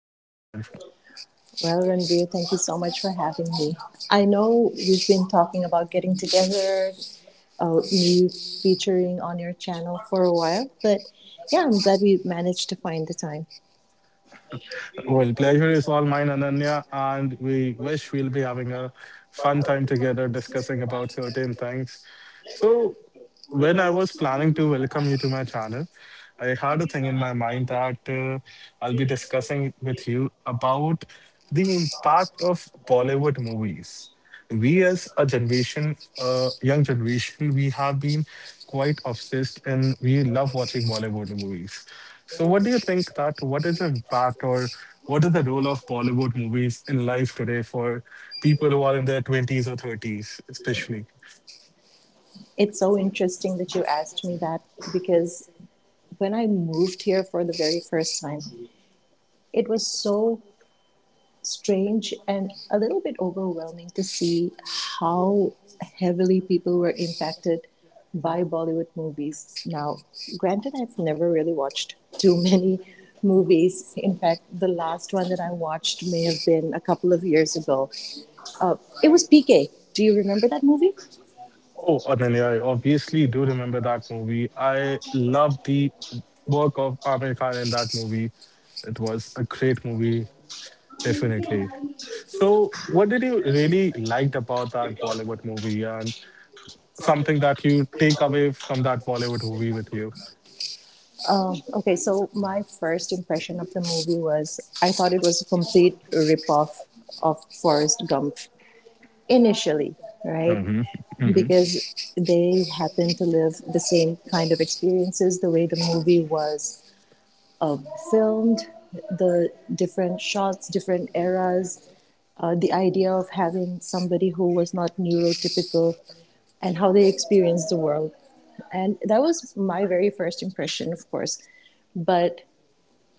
on my channel? Well, Ranveer, thank you so much for having me. I know we've been talking about getting together, me featuring on your channel for a while, but yeah, I'm glad we managed to find the time. Well, pleasure is all mine, Ananya, and we wish we'll be having a fun time together discussing about certain things. So, when I was planning to welcome you to my channel, I had a thing in my mind that I'll be discussing with you about the impact of Bollywood movies. We as a generation, young generation, we have been quite obsessed and we love watching Bollywood movies. So, what do you think that what is the impact or what is the role of Bollywood movies in life today for people who are in their 20s or 30s, especially? It's so interesting that you asked me that because when I moved here for the very first time, it was so strange and a little bit overwhelming to see how heavily people were impacted by Bollywood movies. Now, granted, I've never really watched too many movies. In fact, the last one that I watched may have been a couple of years ago. Uh, it was PK. Do you remember that movie? Oh, Ananya, I obviously do remember that movie. I love the work of Amir Khan in that movie. It was a great movie. Definitely. So, what did you really liked about that Bollywood movie, and something that you take away from that Bollywood movie with you? Okay, so my first impression of the movie was I thought it was a complete ripoff of Forrest Gump initially, right? Hmm. Because they happen to live the same kind of experiences, the way the movie was filmed, the different shots, different eras, the idea of having somebody who was not neurotypical and how they experienced the world. And that was my very first impression, of course, but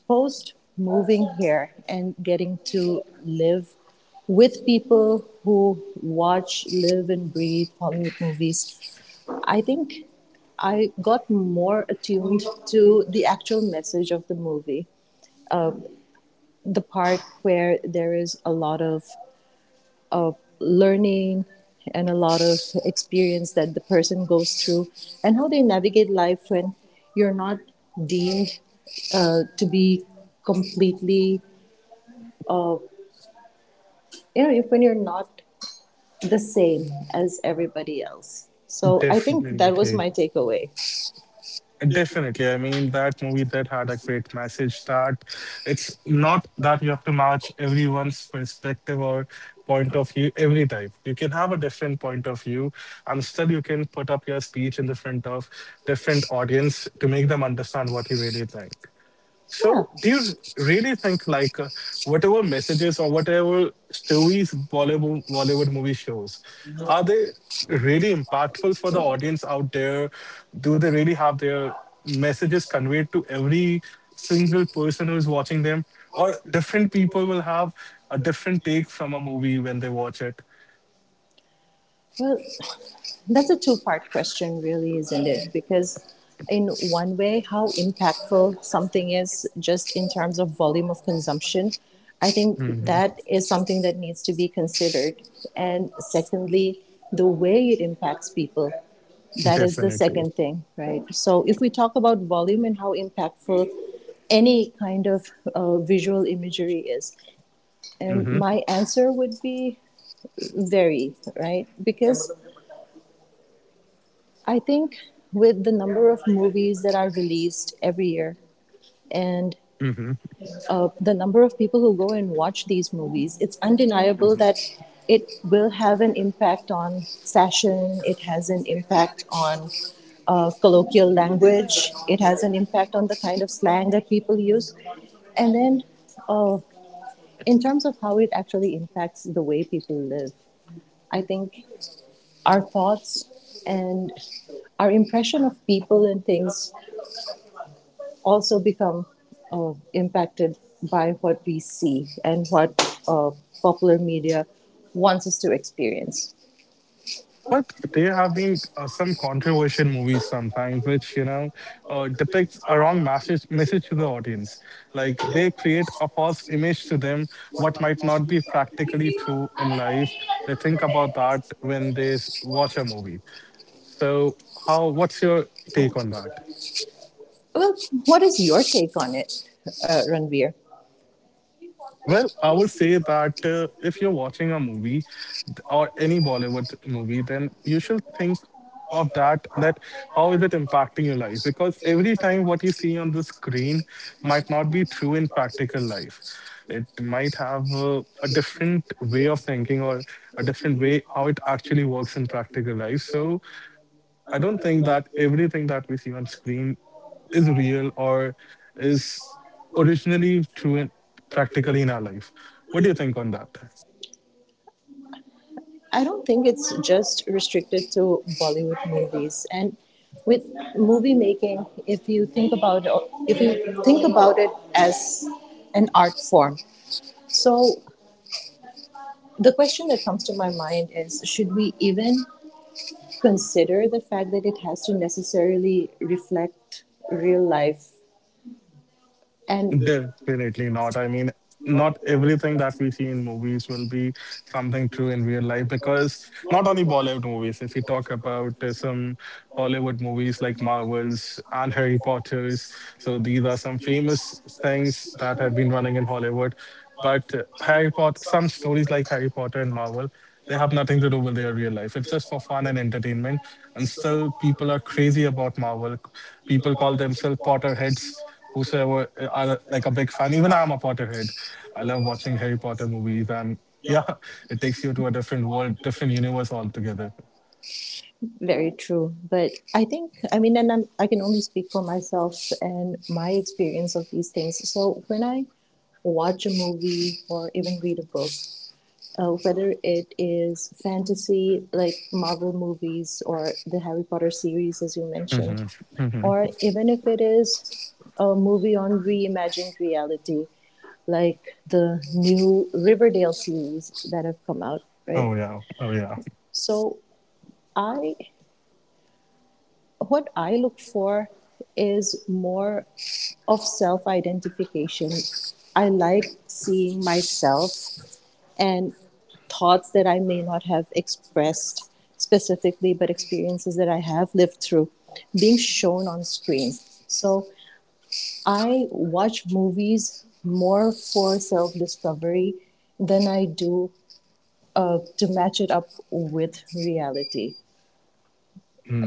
post moving here and getting to live with people who watch, live and breathe Hollywood movies, I think I got more attuned to the actual message of the movie. The part where there is a lot of learning and a lot of experience that the person goes through, and how they navigate life when you're not deemed to be completely, uh, when you're not the same as everybody else. So I think that was Definitely. my takeaway. Definitely. I mean, that movie that had a great message that it's not that you have to match everyone's perspective or point of view every time. You can have a different point of view and still you can put up your speech in the front of different audience to make them understand what you really think. Yeah. So, do you really think like whatever messages or whatever stories Bollywood movie shows, are they really impactful for the audience out there? Do they really have their messages conveyed to every single person who is watching them? Or different people will have a different take from a movie when they watch it. Well, that's a two-part question, really, isn't it? Because, in one way, how impactful something is just in terms of volume of consumption, I think Mhm. that is something that needs to be considered. And secondly, the way it impacts people. That is the Definitely. second thing, right? So, if we talk about volume and how impactful any kind of visual imagery is, and my answer would be very, right? Because I think with the number of movies that are released every year and the number of people who go and watch these movies, it's undeniable that it will have an impact on fashion, it has an impact on colloquial language, it has an impact on the kind of slang that people use. And then, uh, in terms of how it actually impacts the way people live, I think our thoughts and our impression of people and things also become impacted by what we see and what uh, popular media wants us to experience. But there have been some controversial movies sometimes, which you know depicts a wrong message to the audience. Like they create a false image to them, what might not be practically true in life. They think about that when they watch a movie. So, how? What's your take on that? Well, what is your take on it, Ranveer? Well, I would say that if you're watching a movie or any Bollywood movie, then you should think of that how is it impacting your life, because every time what you see on the screen might not be true in practical life. It might have a different way of thinking or a different way how it actually works in practical life. So I don't think that everything that we see on screen is real or is originally true in, practically in our life. What do you think on that? I don't think it's just restricted to Bollywood movies. And with movie making, if you think about it as an art form, so the question that comes to my mind is: should we even consider the fact that it has to necessarily reflect real life? And Definitely not. I mean, not everything that we see in movies will be something true in real life, because not only Bollywood movies, if we talk about some Hollywood movies like Marvel's and Harry Potter's, so these are some famous things that have been running in Hollywood. But Harry Potter, some stories like Harry Potter and Marvel, they have nothing to do with their real life. It's just for fun and entertainment. And still, people are crazy about Marvel. People call themselves Potterheads. Whosoever are like a big fan. Even I'm a Potterhead. I love watching Harry Potter movies, and yeah, it takes you to a different world, different universe altogether. very true. But I think, I mean, I can only speak for myself and my experience of these things. So when I watch a movie or even read a book, whether it is fantasy like Marvel movies or the Harry Potter series, as you mentioned, or even if it is a movie on reimagined reality, like the new Riverdale series that have come out, right? Oh yeah, oh yeah. So I what I look for is more of self identification. I like seeing myself and thoughts that I may not have expressed specifically, but experiences that I have lived through being shown on screen. So I watch movies more for self discovery than I do to match it up with reality.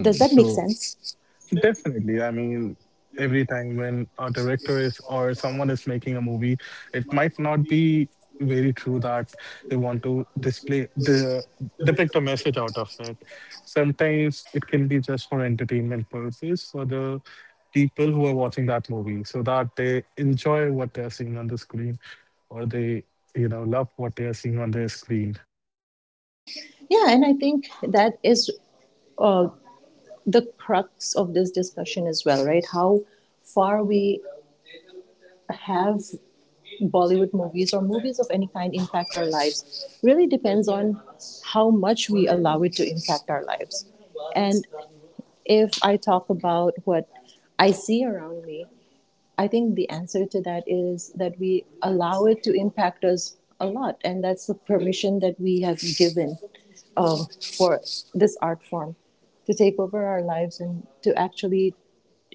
Does that make So sense? definitely. I mean, every time when a director is or someone is making a movie, it might not be very true that they want to display the depict a message out of it. Sometimes it can be just for entertainment purposes for the people who are watching that movie so that they enjoy what they are seeing on the screen or they, you know, love what they are seeing on their screen. Yeah, and I think that is uh, the crux of this discussion as well, right? How far we have Bollywood movies or movies of any kind impact our lives really depends on how much we allow it to impact our lives. And if I talk about what I see around me, I think the answer to that is that we allow it to impact us a lot, and that's the permission that we have given um, for this art form to take over our lives and to actually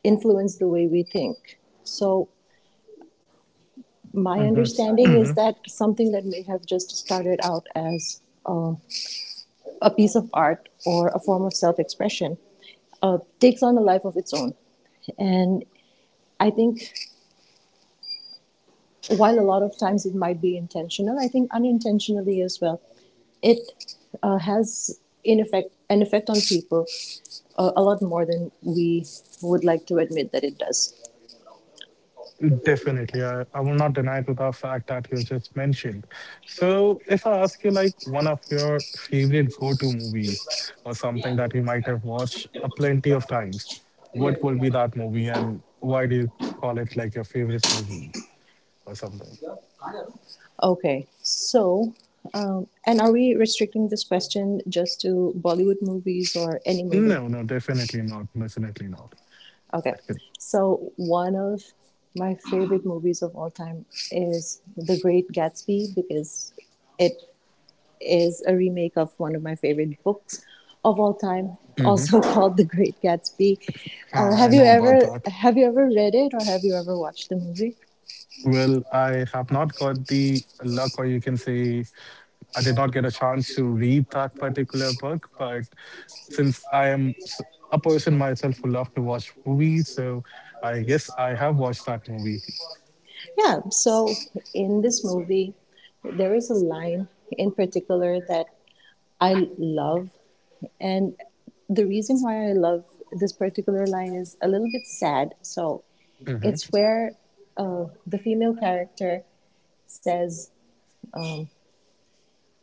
influence the way we think. So, my Mhm. understanding is that something that may have just started out as um a piece of art or a form of self expression takes on a life of its own. And I think while a lot of times it might be intentional, I think unintentionally as well, it has in effect an effect on people, a lot more than we would like to admit that it does. Definitely. I will not deny to the fact that you just mentioned. So if I ask you like one of your favorite go-to movies or something that you might have watched a plenty of times, what will be that movie and why do you call it like your favorite movie or something? Okay, so and are we restricting this question just to Bollywood movies or any movie? No, no, definitely not. Definitely not. Okay, Okay. so one of my favorite movies of all time is The Great Gatsby because it is a remake of one of my favorite books of all time, Mhm. also called The Great Gatsby. I I know about that. Have you ever read it or have you ever watched the movie? Well, I have not got the luck, or you can say, I did not get a chance to read that particular book. But since I am a person myself who love to watch movies, so I guess I have watched that movie. Yeah. So in this movie, there is a line in particular that I love, and the reason why I love this particular line is a little bit sad. So Mm-hmm. it's where the female character says,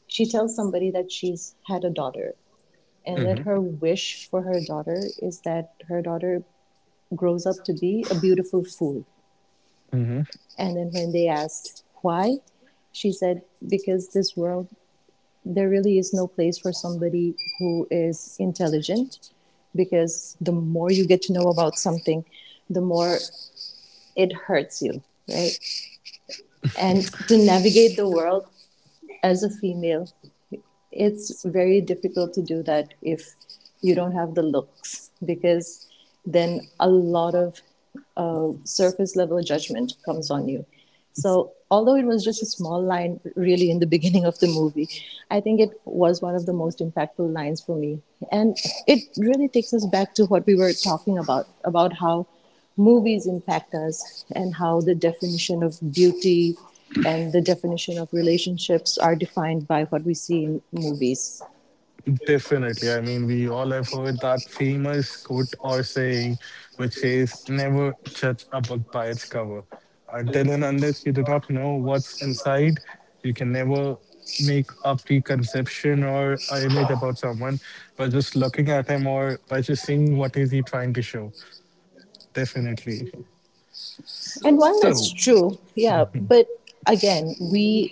she tells somebody that she's had a daughter and that Mm-hmm. her wish for her daughter is that her daughter grows up to be a beautiful fool. And then when they asked why, she said, because this world, there really is no place for somebody who is intelligent, because the more you get to know about something, the more it hurts you, right? And to navigate the world as a female, it's very difficult to do that if you don't have the looks, because then a lot of surface level judgment comes on you. So, although it was just a small line really in the beginning of the movie, I think it was one of the most impactful lines for me. And it really takes us back to what we were talking about how movies impact us and how the definition of beauty and the definition of relationships are defined by what we see in movies. Definitely. I mean, we all have heard that famous quote or saying, which says, never judge a book by its cover. Until and unless you do not know what's inside, you can never make a preconception or an image about someone by just looking at him or by just seeing what is he trying to show. Definitely. And while So that's true, yeah, but again,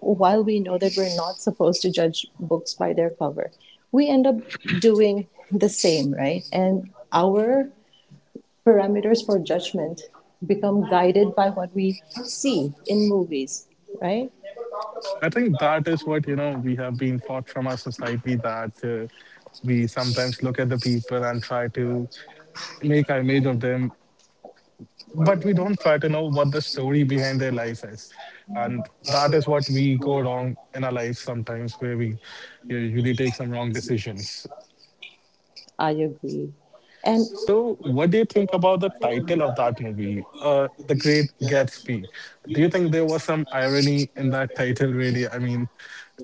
while we know that we're not supposed to judge books by their cover, we end up doing the same, right? And our parameters for judgment become guided by what we see in movies, right? I think that is what, you know, we have been taught from our society that we sometimes look at the people and try to make an image of them, but we don't try to know what the story behind their life is, and that is what we go wrong in our life sometimes where we, you know, usually take some wrong decisions. I agree. And So what do you think about the title of that movie, The Great Gatsby? Do you think there was some irony in that title, really? I mean,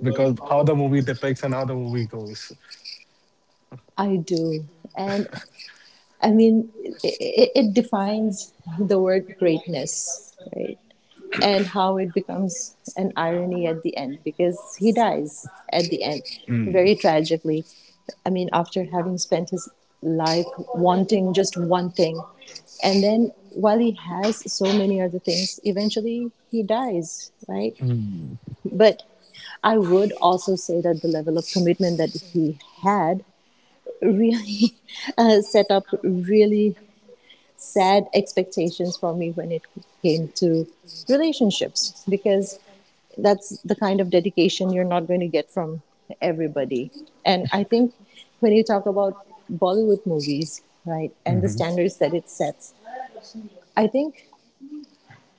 because how the movie depicts and how the movie goes. I do. And I mean, it defines the word greatness, right? And how it becomes an irony at the end because he dies at the end Mm. very tragically. I mean, after having spent his life wanting just one thing, and then while he has so many other things, eventually he dies, right? Mm. But I would also say that the level of commitment that he had really set up really set expectations for me when it came to relationships, because that's the kind of dedication you're not going to get from everybody. And I think when you talk about Bollywood movies, right, and the Mhm. standards that it sets, I think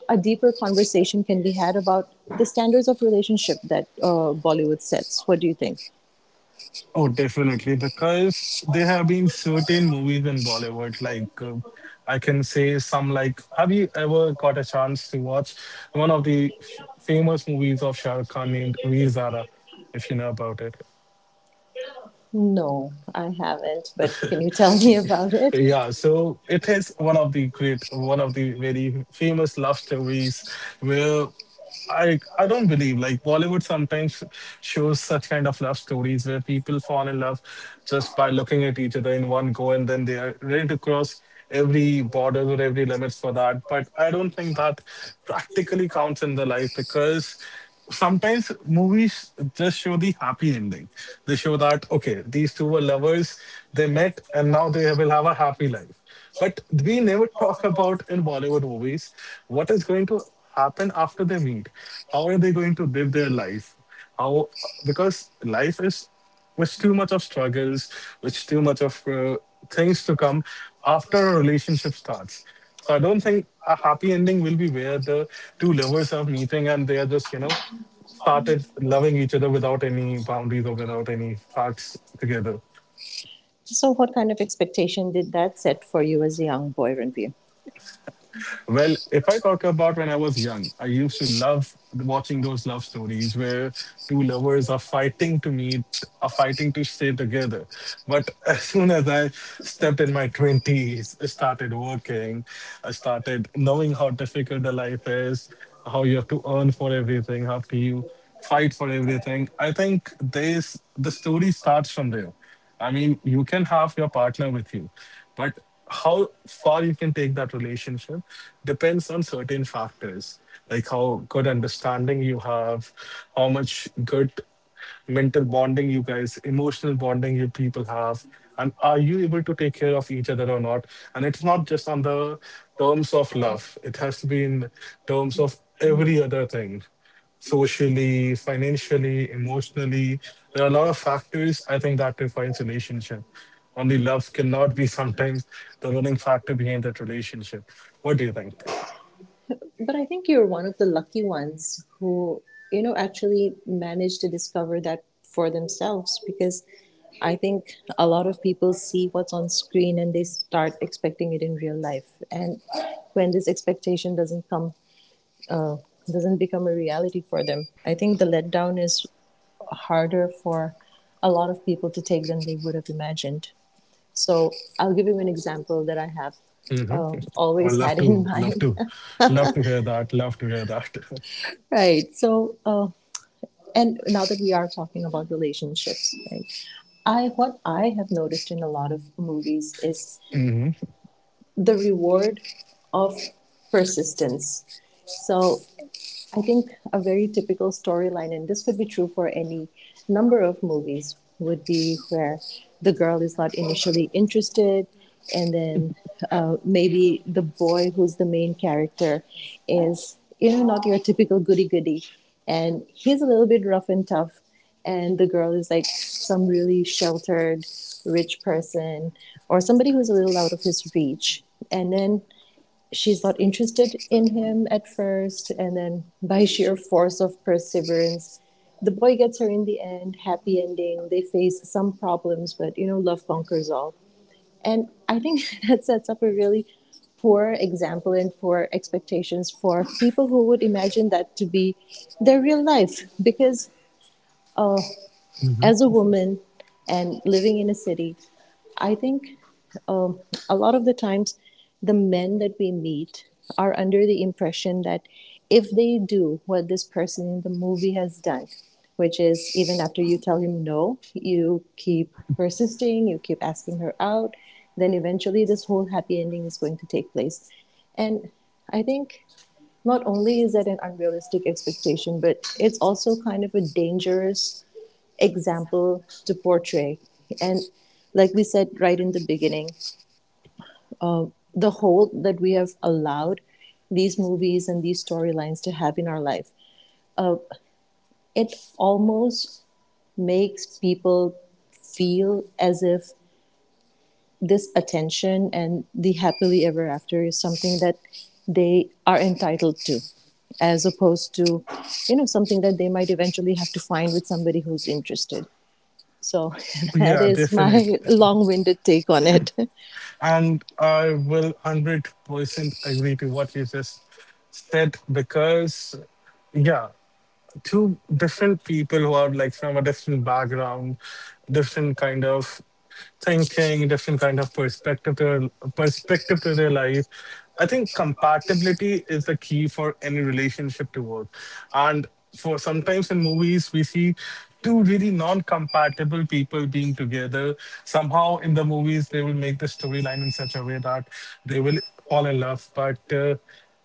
a deeper conversation can be had about the standards of relationship that Bollywood sets. What do you think? Oh, definitely, because there have been certain movies in Bollywood, like I can say some like, have you ever got a chance to watch one of the famous movies of Shah Rukh Khan named Veer Zara, if you know about it? No, I haven't, but can you tell me about it? Yeah, so it is one of the great, one of the very famous love stories where I don't believe like Bollywood sometimes shows such kind of love stories where people fall in love just by looking at each other in one go and then they are ready to cross every border or every limits for that. But I don't think that practically counts in the life, because sometimes movies just show the happy ending. They show that okay, these two were lovers, they met, and now they will have a happy life. But we never talk about in Bollywood movies what is going to happen after they meet. How are they going to live their life? How, because life is with too much of struggles, with too much of things to come after a relationship starts. So I don't think a happy ending will be where the two lovers are meeting and they are just, you know, started loving each other without any boundaries or without any facts together. So, what kind of expectation did that set for you as a young boy, Ranveer? Well, if I talk about when I was young, I used to love watching those love stories where two lovers are fighting to meet, are fighting to stay together. But as soon as I stepped in my 20s, I started working, I started knowing how difficult the life is, how you have to earn for everything, how to you fight for everything. I think this the story starts from there. I mean, you can have your partner with you, but how far you can take that relationship depends on certain factors, like how good understanding you have, how much good mental bonding you guys, emotional bonding you people have, and are you able to take care of each other or not? And it's not just on the terms of love; it has to be in terms of every other thing socially, financially, emotionally. There are a lot of factors I think that defines relationship. Only love cannot be sometimes the running factor behind that relationship. What do you think? But I think you're one of the lucky ones who, you know, actually managed to discover that for themselves, because I think a lot of people see what's on screen and they start expecting it in real life. And when this expectation doesn't come, uh, doesn't become a reality for them, I think the letdown is harder for a lot of people to take than they would have imagined. So I'll give you an example that I have Hmm. I always love had in to, love mind. to, love to hear that. Love to hear that. Right. So and now that we are talking about relationships, right, I what I have noticed in a lot of movies is Hmm. the reward of persistence. So I think a very typical storyline, and this would be true for any number of movies, would be where the girl is not initially interested, and then maybe the boy who's the main character is, you know, not your typical goody goody. And he's a little bit rough and tough, and the girl is like some really sheltered, rich person or somebody who's a little out of his reach. And then she's not interested in him at first, and then by sheer force of perseverance, the boy gets her in the end, happy ending. They face some problems, but you know, love conquers all. And I think that sets up a really poor example and poor expectations for people who would imagine that to be their real life because uh, as a woman and living in a city, I think um, a lot of the times the men that we meet are under the impression that if they do what this person in the movie has done, which is even after you tell him no, you keep persisting, you keep asking her out, then eventually this whole happy ending is going to take place. And I think not only is that an unrealistic expectation, but it's also kind of a dangerous example to portray. And like we said right in the beginning, the hold that we have allowed these movies and these storylines to have in our life, uh, it almost makes people feel as if this attention and the happily ever after is something that they are entitled to as opposed to something that they might eventually have to find with somebody who's interested. So that Yeah, is definitely. my long-winded take on it. And I will 100% agree to what you just said because, yeah, two different people who are like from a different background, different kind of thinking, different kind of perspective to their life. I think compatibility is the key for any relationship to work. And for sometimes in movies we see two really non-compatible people being together. Somehow in the movies they will make the storyline in such a way that they will fall in love, but.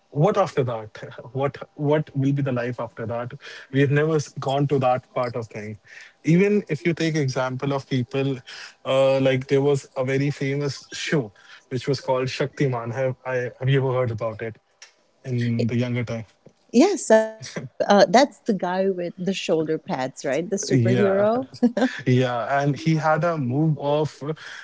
What after that, what will be the life after that, we have never gone to that part of thing. Even if you take example of people, like there was a very famous show which was called Shaktiman, have I have you ever heard about it, in the younger time? Yes, I have. That's the guy with the shoulder pads, right? The Yeah. superhero. Yeah, and he had a move of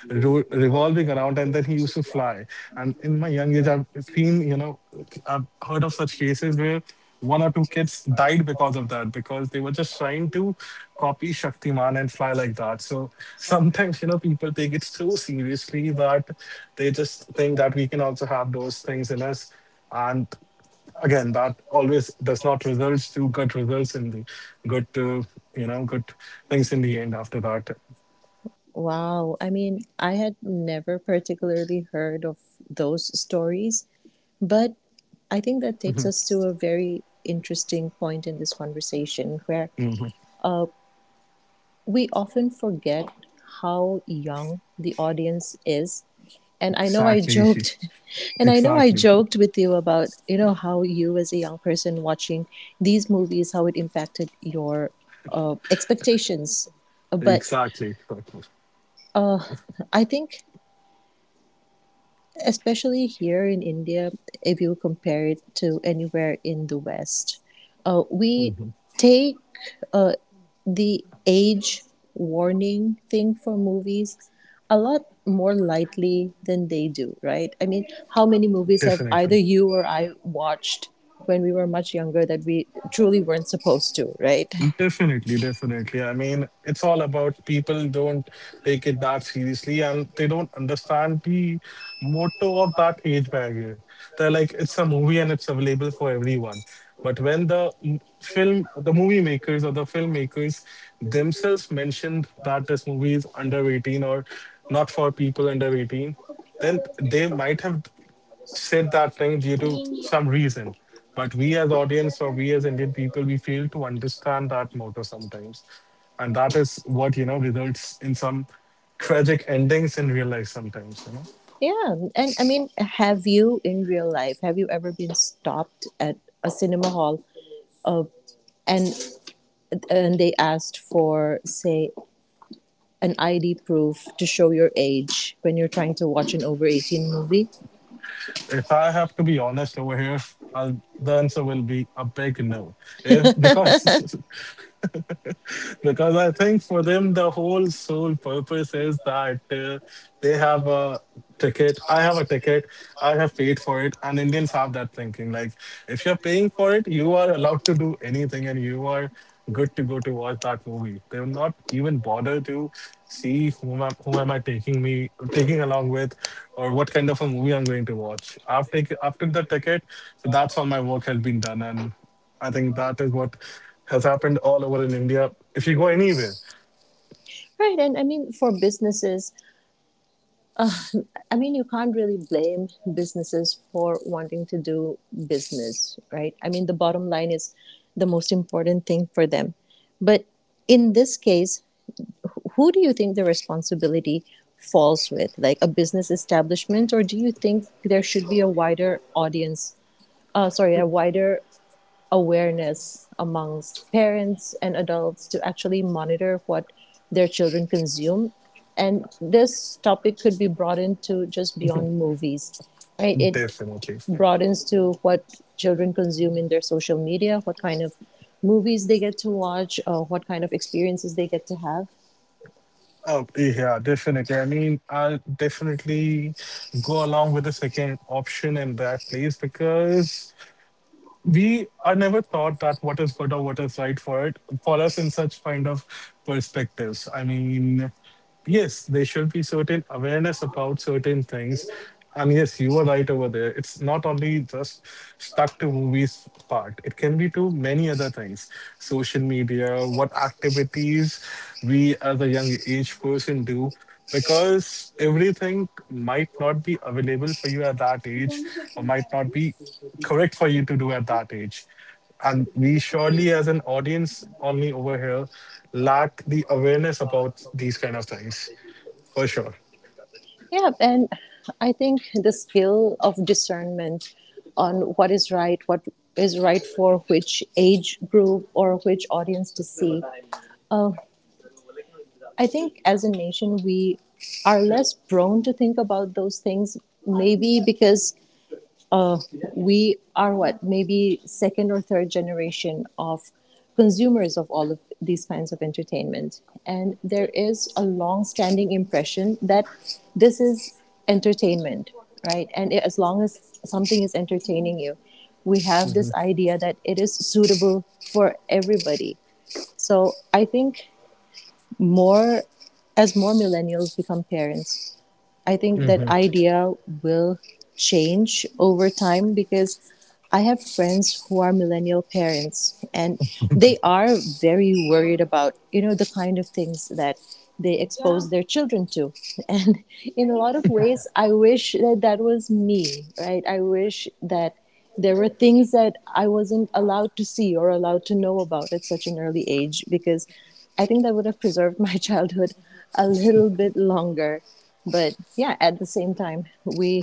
revolving around, and then he used to fly. And in my young age, I've seen, I've heard of such cases where one or two kids died because of that, because they were just trying to copy Shaktiman and fly like that. So sometimes, you know, people take it so seriously that they just think that we can also have those things in us. And again, that always does not results to good results in the good good things in the end after that Wow. I mean, I had never particularly heard of those stories, but I think that takes Mhm. us to a very interesting point in this conversation where Mhm. uh, we often forget how young the audience is. And I know I Exactly, Ishi. joked, and I know I Exactly, joked with you about, you know, how you as a young person watching these movies, how it impacted your expectations. But exactly, exactly. I think especially here in India, if you compare it to anywhere in the West, we Mhm. take uh, the age warning thing for movies a lot more lightly than they do, right? I mean, how many movies have either Definitely. you or I watched when we were much younger that we truly weren't supposed to, right? Definitely, definitely. I mean, it's all about people don't take it that seriously, and they don't understand the motto of that age barrier. They're like, it's a movie and it's available for everyone. But when the film, the movie makers or the filmmakers themselves mentioned that this movie is under 18 or not for people under 18, then they might have said that thing due to some reason. But we as audience, or we as Indian people, we fail to understand that motto sometimes. And that is what, you know, results in some tragic endings in real life sometimes, you know. Yeah, and I mean, have you in real life, have you ever been stopped at a cinema hall uh, and and they asked for, say, an ID proof to show your age when you're trying to watch an over 18 movie? If I have to be honest over here, I'll, the answer will be a big no. If, because because I think for them the whole sole purpose is that they have a ticket. I have a ticket. I have paid for it, and Indians have that thinking. Like if you're paying for it, you are allowed to do anything, and you are good to go to watch that movie. They will not even bother to see whom am I taking me taking along with, or what kind of a movie I'm going to watch. I've took the ticket, so that's all my work has been done, and I think that is what has happened all over in India. If you go anywhere, Right, and I mean, for businesses, I mean, you can't really blame businesses for wanting to do business, right? I mean, the bottom line is the most important thing for them. But in this case, who do you think the responsibility falls with, like a business establishment, or do you think there should be a wider audience, a wider awareness amongst parents and adults to actually monitor what their children consume? And this topic could be broadened to just beyond movies, right? It definitely. broadens to what children consume in their social media, what kind of movies they get to watch, what kind of experiences they get to have. Oh yeah, definitely. I mean, I'll definitely go along with the second option in that place because we are never taught that what is good or what is right for us in such kind of perspectives. I mean, yes, there should be certain awareness about certain things, and yes, you are right over there. It's not only just stuck to movies part, it can be to many other things. Social media, what activities we as a young age person do, because everything might not be available for you at that age, or might not be correct for you to do at that age. And we surely, as an audience, only over here, lack the awareness about these kind of things for sure. Yeah, and I think the skill of discernment on what is right for which age group or which audience to see. I think as a nation, we are less prone to think about those things, maybe because uh, we are what maybe second or third generation of consumers of all of these kinds of entertainment, and there is a long standing impression that this is entertainment, right? And as long as something is entertaining you, we have this idea that it is suitable for everybody. So I think more as more millennials become parents, I think that Hmm. idea will change over time because I have friends who are millennial parents and they are very worried about, you know, the kind of things that they expose their children to. And in a lot of ways, I wish that that was me, right? I wish that there were things that I wasn't allowed to see or allowed to know about at such an early age because I think that would have preserved my childhood a little bit longer. But yeah, at the same time, we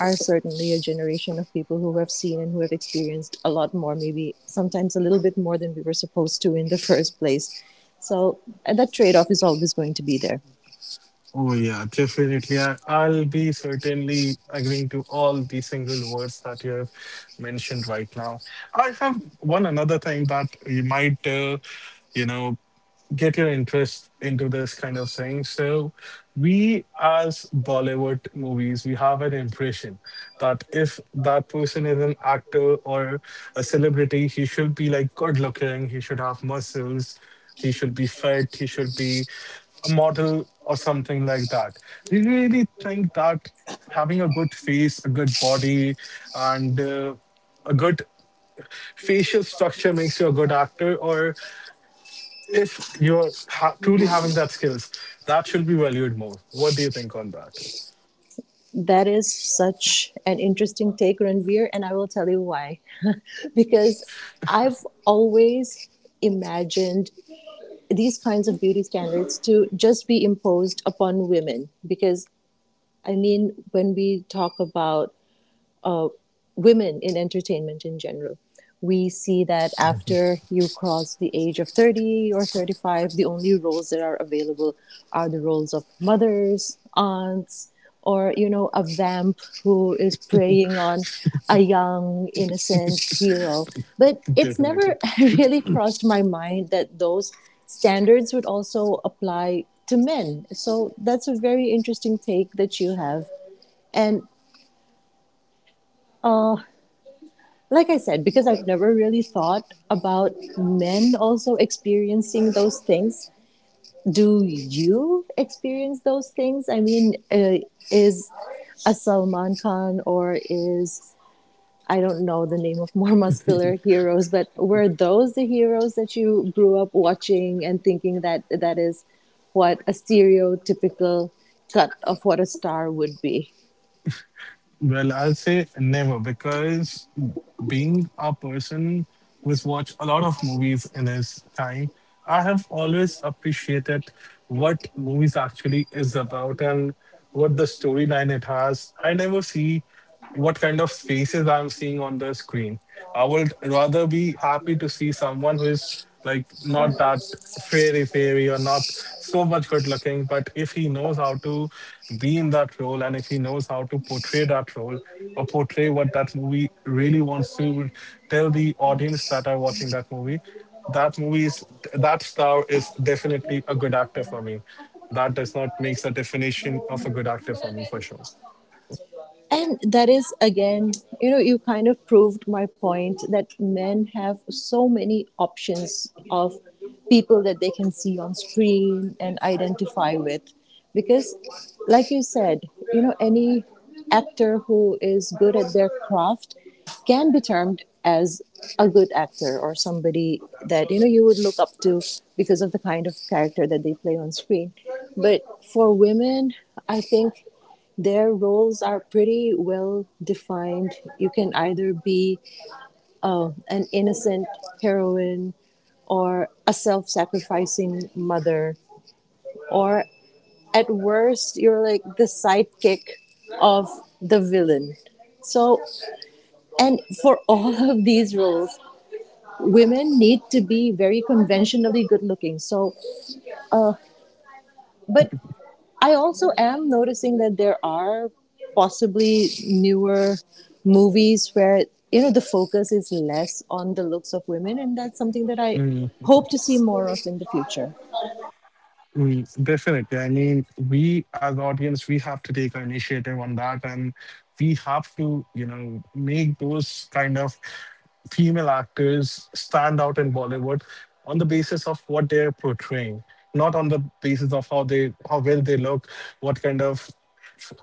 are certainly a generation of people who have seen and who have experienced a lot more, maybe sometimes a little bit more than we were supposed to in the first place. So that trade off is always going to be there. Oh yeah, definitely. I'll be certainly agreeing to all the single words that you have mentioned right now. I have one another thing that you might, you know, get your interest into this kind of thing. So, we as Bollywood movies, we have an impression that if that person is an actor or a celebrity, he should be like good looking, he should have muscles. He should be fit. He should be a model or something like that. Do you really think that having a good face, a good body, and a good facial structure makes you a good actor? Or if you're truly having that skills, that should be valued more. What do you think on that? That is such an interesting take, Ranveer, and I will tell you why. Because I've always imagined these kinds of beauty standards to just be imposed upon women because I mean when we talk about women in entertainment in general. We see that after you cross the age of 30 or 35, the only roles that are available are the roles of mothers, aunts, or, you know, a vamp who is preying on a young, innocent hero. But it's never Definitely. really crossed my mind that those standards would also apply to men. So that's a very interesting take that you have. And like I said, because I've never really thought about men also experiencing those things. Do you experience those things? I mean, is a Salman Khan or is, I don't know the name of more muscular heroes, but were those the heroes that you grew up watching and thinking that that is what a stereotypical cut of what a star would be? Well, I'll say never because being a person who's watched a lot of movies in his time, I have always appreciated what movies actually is about and what the storyline it has. I never see what kind of faces I'm seeing on the screen. I would rather be happy to see someone who is like not that fairy or not so much good looking, but if he knows how to be in that role and if he knows how to portray that role or portray what that movie really wants to tell the audience that are watching that movie is that star is definitely a good actor for me. That does not make the definition of a good actor for me for sure. And that is again, you know, you kind of proved my point that men have so many options of people that they can see on screen and identify with. Because, like you said, you know, any actor who is good at their craft can be termed as a good actor or somebody that you know you would look up to because of the kind of character that they play on screen, but for women, I think their roles are pretty well defined. You can either be an innocent heroine or a self sacrificing mother, or at worst, you're like the sidekick of the villain. So, and for all of these roles, women need to be very conventionally good looking. So, but I also am noticing that there are possibly newer movies where you know the focus is less on the looks of women, and that's something that I hope to see more of in the future. Mm, definitely. I mean, we as audience, we have to take an initiative on that, and we have to, you know, make those kind of female actors stand out in Bollywood on the basis of what they're portraying, not on the basis of how well they look, what kind of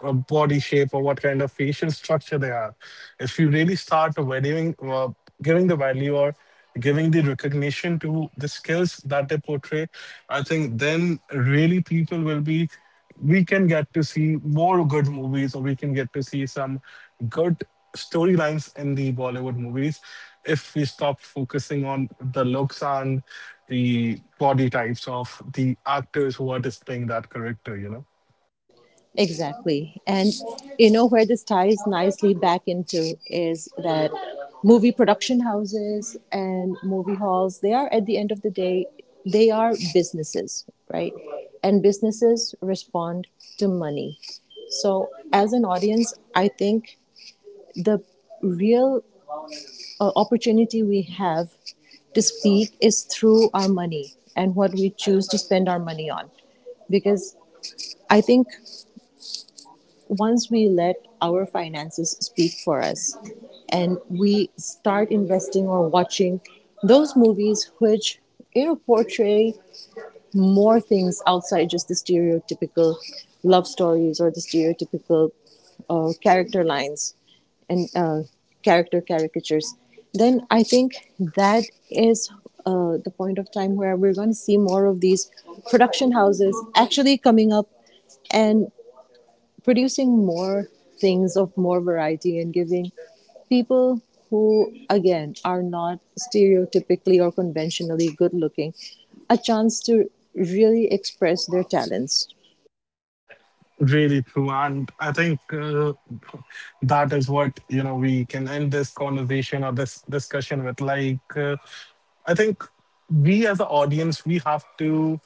body shape or what kind of facial structure they are. If you really start valuing, giving the value or giving the recognition to the skills that they portray, I think then really people will be. We can get to see more good movies, or we can get to see some good storylines in the Bollywood movies if we stop focusing on the looks and the body types of the actors who are displaying that character. You know. Exactly. And you know where this ties nicely back into is that movie production houses and movie halls, they are at the end of the day, they are businesses, right? And businesses respond to money. So, as an audience, I think the real opportunity we have to speak is through our money and what we choose to spend our money on because I think once we let our finances speak for us and we start investing or watching those movies which you know portray more things outside just the stereotypical love stories or the stereotypical character lines and character caricatures, then I think that is the point of time where we're going to see more of these production houses actually coming up and producing more things of more variety and giving people who again are not stereotypically or conventionally good looking a chance to really express their talents. Really true, and I think that is what you know. We can end this conversation or this discussion with like. I think we as an audience we have to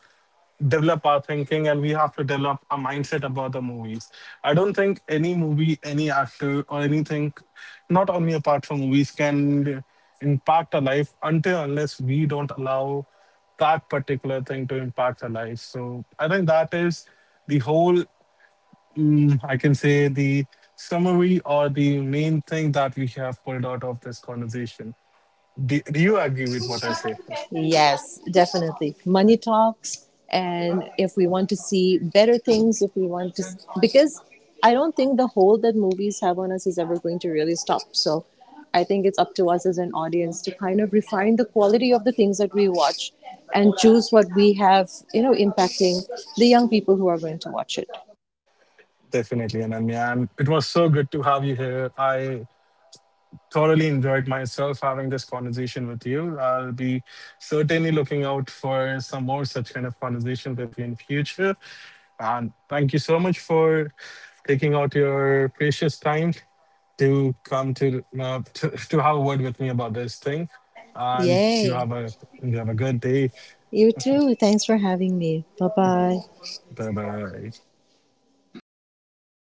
develop our thinking and we have to develop a mindset about the movies. I don't think any movie, any actor, or anything, not only apart from movies, can impact our life until unless we don't allow that particular thing to impact our life. So I think that is the whole. Mm, I can say the summary or the main thing that we have pulled out of this conversation. Do you agree with what I say? Yes, definitely. Money talks. And if we want to see better things, if we want to, because I don't think the hold that movies have on us is ever going to really stop. So I think it's up to us as an audience to kind of refine the quality of the things that we watch and choose what we have, you know, impacting the young people who are going to watch it. Definitely, Ananya. And it was so good to have you here. I thoroughly enjoyed myself having this conversation with you. I'll be certainly looking out for some more such kind of conversations with you in future. And thank you so much for taking out your precious time to come to have a word with me about this thing. And Yay. You have a good day. You too. Thanks for having me. Bye bye. Bye bye.